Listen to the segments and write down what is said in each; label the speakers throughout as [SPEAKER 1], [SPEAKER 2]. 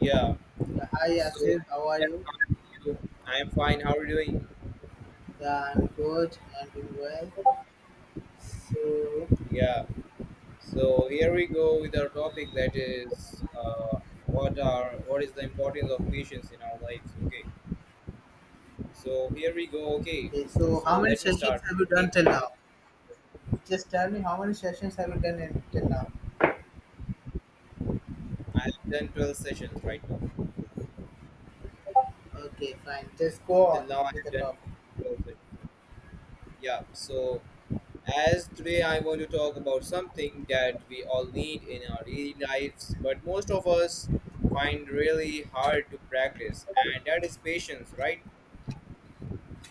[SPEAKER 1] Yeah.
[SPEAKER 2] Yeah, hi
[SPEAKER 1] So,
[SPEAKER 2] Asif, how are
[SPEAKER 1] yeah,
[SPEAKER 2] you?
[SPEAKER 1] how are you? I'm fine. How are you doing?
[SPEAKER 2] Yeah, I'm good and doing well. So,
[SPEAKER 1] Yeah. So here we go with our topic that is what is the importance of patience in our lives? Okay. So here we go. Okay.
[SPEAKER 2] okay, so
[SPEAKER 1] So
[SPEAKER 2] how many
[SPEAKER 1] let me
[SPEAKER 2] sessions
[SPEAKER 1] start.
[SPEAKER 2] have you done
[SPEAKER 1] Okay.
[SPEAKER 2] till now? Just tell me how many sessions have you done till now?
[SPEAKER 1] I have done 12 sessions right now.
[SPEAKER 2] Okay, fine. Just go
[SPEAKER 1] Till
[SPEAKER 2] on
[SPEAKER 1] now I
[SPEAKER 2] with
[SPEAKER 1] have
[SPEAKER 2] the
[SPEAKER 1] done
[SPEAKER 2] topic.
[SPEAKER 1] 12 sessions. Yeah. So as today I want to talk about something that we all need in our daily lives, but most of us find really hard to practice, and that is patience, right?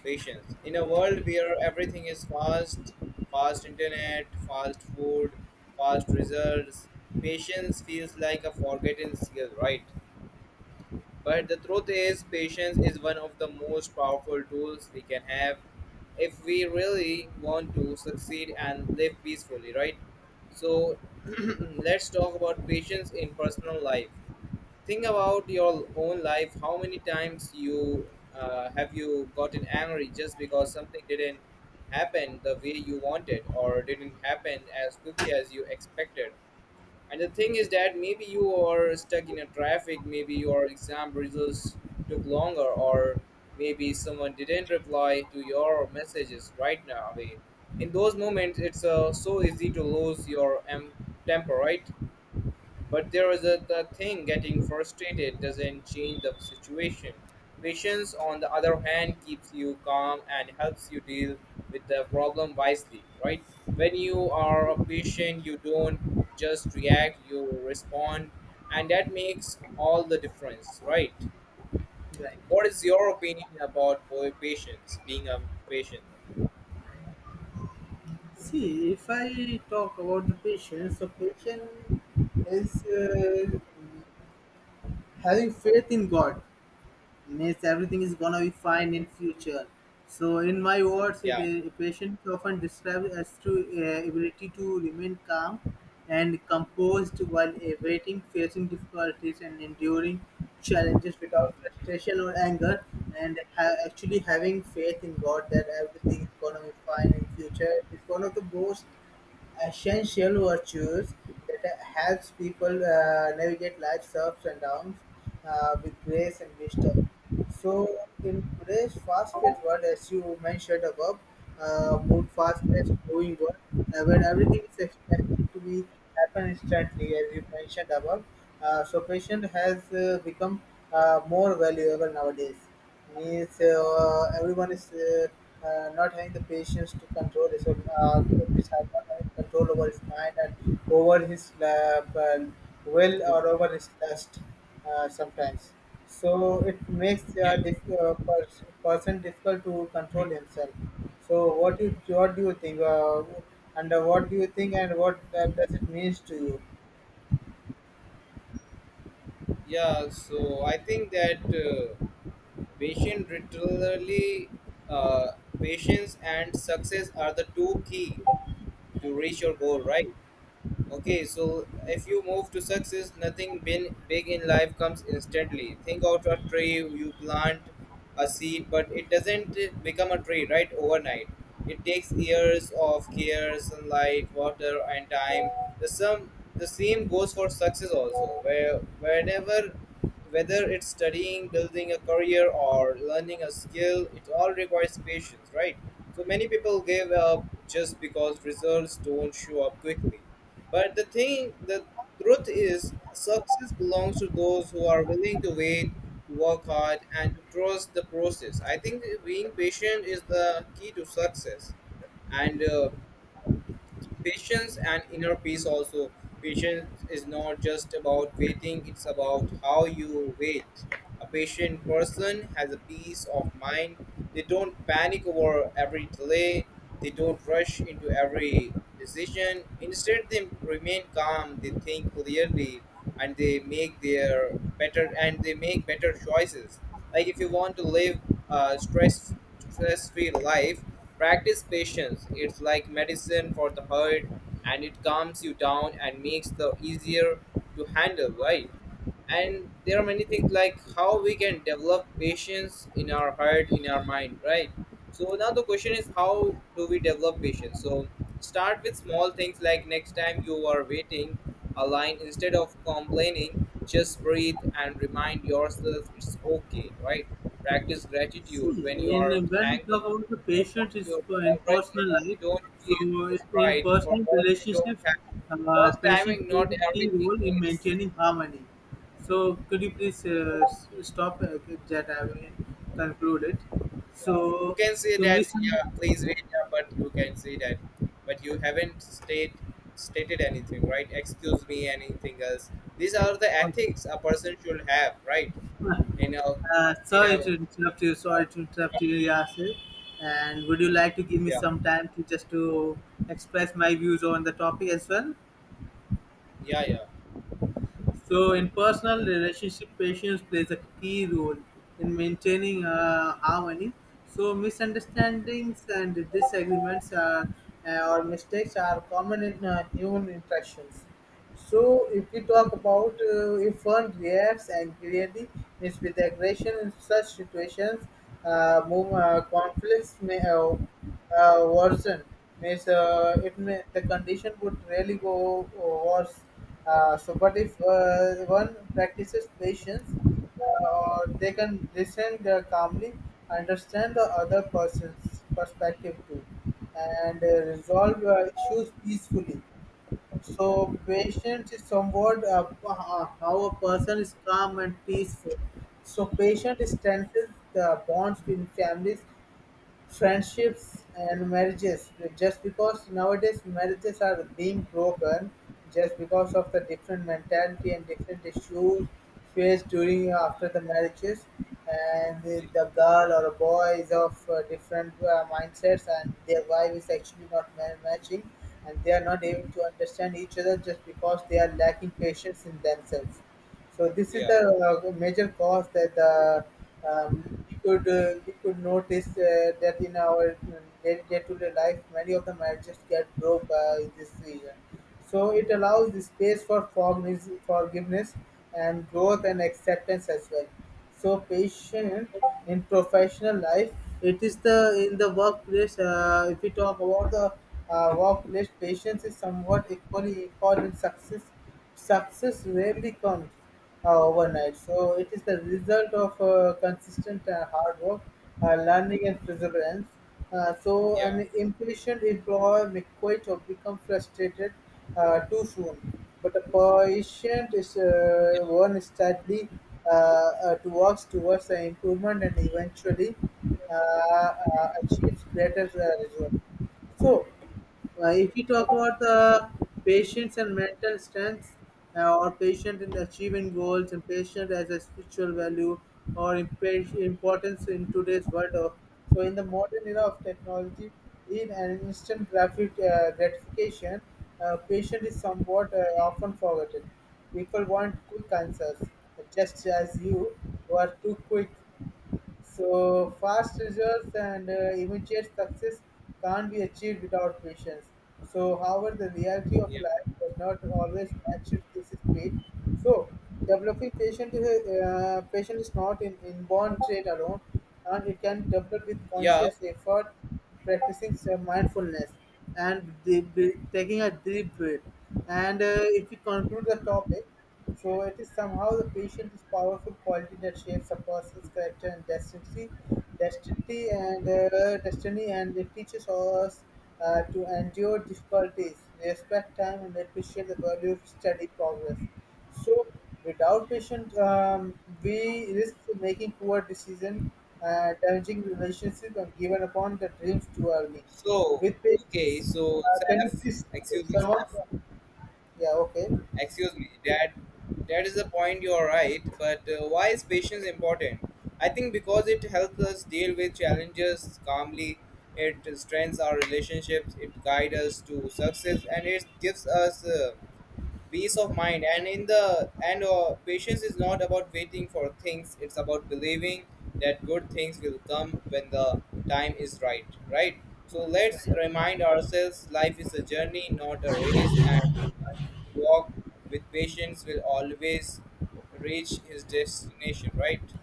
[SPEAKER 1] Patience. In a world where everything is fast, fast internet, fast food, fast results, patience feels like a forgotten skill, right? But the truth is, patience is one of the most powerful tools we can have if we really want to succeed and live peacefully, right? So, let's talk about patience in personal life. Think about your own life. How many times you have you gotten angry just because something didn't happen the way you wanted or didn't happen as quickly as you expected? And the thing is that maybe you are stuck in a traffic, maybe your exam results took longer, or maybe someone didn't reply to your messages right now away. In those moments, it's so easy to lose your temper, right? But there is a the thing getting frustrated doesn't change the situation. Patience, on the other hand, keeps you calm and helps you deal with the problem wisely, right? When you are a patient, you don't just react, you respond, and that makes all the difference, right?
[SPEAKER 2] Right.
[SPEAKER 1] What is your opinion about boy patients, being a patient?
[SPEAKER 2] See, if I talk about the patient, so patient is having faith in God. Means everything is gonna be fine in future. So in my words,
[SPEAKER 1] Yeah.
[SPEAKER 2] a patient often described as to ability to remain calm and composed while awaiting facing difficulties and enduring challenges without frustration or anger, and actually having faith in God that everything is gonna be fine in future is one of the most essential virtues that helps people navigate life's ups and downs with grace and wisdom. So, in today's fast-paced world, as you mentioned above, move fast-paced moving world, where everything is expected to be happen instantly, as you mentioned above. So, patient has become more valuable nowadays, means everyone is not having the patience to control his own, which have not having control over his mind and over his will
[SPEAKER 1] Yeah,
[SPEAKER 2] or over his lust sometimes. So it makes a
[SPEAKER 1] yeah,
[SPEAKER 2] person difficult to control himself. So what do you think? And what do you think? And what does it means to you?
[SPEAKER 1] yeah. So I think that. Patient literally, uh, patience and success are the two key to reach your goal, right? Okay, so if you move to success, nothing been big in life comes instantly. Think out a tree, you plant a seed, but it doesn't become a tree right overnight. It takes years of care, sunlight, water, and time. The same goes for success also. Where whenever whether it's studying, building a career, or learning a skill, it all requires patience, right? So many people give up just because results don't show up quickly, but the thing, the truth is, success belongs to those who are willing to wait, to work hard, and to trust the process. I think being patient is the key to success. And patience and inner peace also, patience is not just about waiting, it's about how you wait. A patient person has a peace of mind. They don't panic over every delay, they don't rush into every decision. Instead, they remain calm, they think clearly, and they make their better, and they make better choices. Like, if you want to live uh, stress stress-free life, practice patience. It's like medicine for the heart, and it calms you down and makes the easier to handle, right? And there are many things like how we can develop patience in our heart, in our mind, right? So now the question is, how do we develop patience? So start with small things, like next time you are waiting a line, instead of complaining, just breathe and remind yourself, it's okay, right? Practice gratitude. When you are
[SPEAKER 2] In when we
[SPEAKER 1] thankful
[SPEAKER 2] talk about the
[SPEAKER 1] for what
[SPEAKER 2] patient, it's
[SPEAKER 1] you
[SPEAKER 2] for in
[SPEAKER 1] already
[SPEAKER 2] personal
[SPEAKER 1] have, you
[SPEAKER 2] life.
[SPEAKER 1] don't
[SPEAKER 2] So
[SPEAKER 1] feel is
[SPEAKER 2] in
[SPEAKER 1] right for
[SPEAKER 2] personal
[SPEAKER 1] what you don't
[SPEAKER 2] relationships,
[SPEAKER 1] have. Plus,
[SPEAKER 2] patient
[SPEAKER 1] timing,
[SPEAKER 2] plays
[SPEAKER 1] not
[SPEAKER 2] a key
[SPEAKER 1] everything
[SPEAKER 2] role in
[SPEAKER 1] needs.
[SPEAKER 2] maintaining harmony. So could you please stop that I will conclude it.
[SPEAKER 1] Yeah, you
[SPEAKER 2] So
[SPEAKER 1] can say
[SPEAKER 2] so
[SPEAKER 1] that. Yeah,
[SPEAKER 2] misunderstanding.
[SPEAKER 1] please wait. Yeah, but you can say that. But you haven't stated anything, right? Excuse me, anything else? These are the ethics a person should have, right? In a, in
[SPEAKER 2] Sorry
[SPEAKER 1] a.
[SPEAKER 2] to interrupt you. Sorry to interrupt you, Yasir. And would you like to give me
[SPEAKER 1] Yeah,
[SPEAKER 2] some time to just to express my views on the topic as well?
[SPEAKER 1] yeah, yeah,
[SPEAKER 2] So, in personal relationship, patience plays a key role in maintaining harmony. So, misunderstandings and disagreements are, or mistakes are common in human interactions. So, if we talk about if one reacts angrily, means with aggression in such situations, conflicts may. Worsen, means it may the condition would really go worse. So, but if one practices patience, or they can listen calmly, understand the other person's perspective too, and resolve issues peacefully. So, patience is somewhat how a person is calm and peaceful. So, patience strengthens the bonds in families, friendships and marriages, just because nowadays marriages are being broken just because of the different mentality and different issues faced during or after the marriages, and the girl or a boy is of different mindsets and their wife is actually not ma- matching and they are not able to understand each other just because they are lacking patience in themselves. So this is
[SPEAKER 1] yeah,
[SPEAKER 2] the major cause that we could notice that in our day to day life, many of the marriages get broke in this season. So it allows the space for forgiveness, forgiveness and growth and acceptance as well. So patient in professional life, it is the in the workplace. If we talk about the workplace, patience is somewhat equally important. Success success rarely comes overnight. So it is the result of consistent hard work, learning, and perseverance. So
[SPEAKER 1] yeah,
[SPEAKER 2] an impatient employee may quit or become frustrated too soon, but a patient is
[SPEAKER 1] yeah,
[SPEAKER 2] one steadily to works towards the improvement and eventually achieves greater results. So if we talk about the patience and mental strength, or patient in achieving goals, and patient as a spiritual value or importance in today's world. Of, so, in the modern era of technology, in an instant graphic gratification, patient is somewhat often forgotten. People want quick answers, just as you were too quick, so fast results and immediate success can't be achieved without patience. So, however, the reality of
[SPEAKER 1] yeah,
[SPEAKER 2] life does not always match this speed. So, developing patient patient is not an inborn trait alone, and it can develop with
[SPEAKER 1] yeah.
[SPEAKER 2] conscious effort, practicing mindfulness, and taking a deep breath. And if we conclude the topic. So it is somehow the patient is powerful quality that shapes a person's character and destiny, and it teaches us to endure difficulties, respect time, and appreciate the value of steady progress. So without patience, we risk making poor decisions, damaging relationships, and giving upon the dreams too early.
[SPEAKER 1] So
[SPEAKER 2] With
[SPEAKER 1] okay,
[SPEAKER 2] patience,
[SPEAKER 1] so
[SPEAKER 2] can you
[SPEAKER 1] Saf,
[SPEAKER 2] please
[SPEAKER 1] excuse me,
[SPEAKER 2] someone?
[SPEAKER 1] Saf,
[SPEAKER 2] Yeah,
[SPEAKER 1] excuse me, Dad. That is the point, you're right, but why is patience important? I think because it helps us deal with challenges calmly, it strengthens our relationships, it guides us to success, and it gives us peace of mind. And in the, and patience is not about waiting for things, it's about believing that good things will come when the time is right, right? So let's remind ourselves, life is a journey, not a race, and the walk with patience will always reach his destination, right?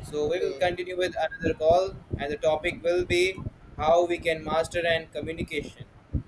[SPEAKER 1] So we will
[SPEAKER 2] okay.
[SPEAKER 1] continue with another call, and the topic will be how we can master and communication.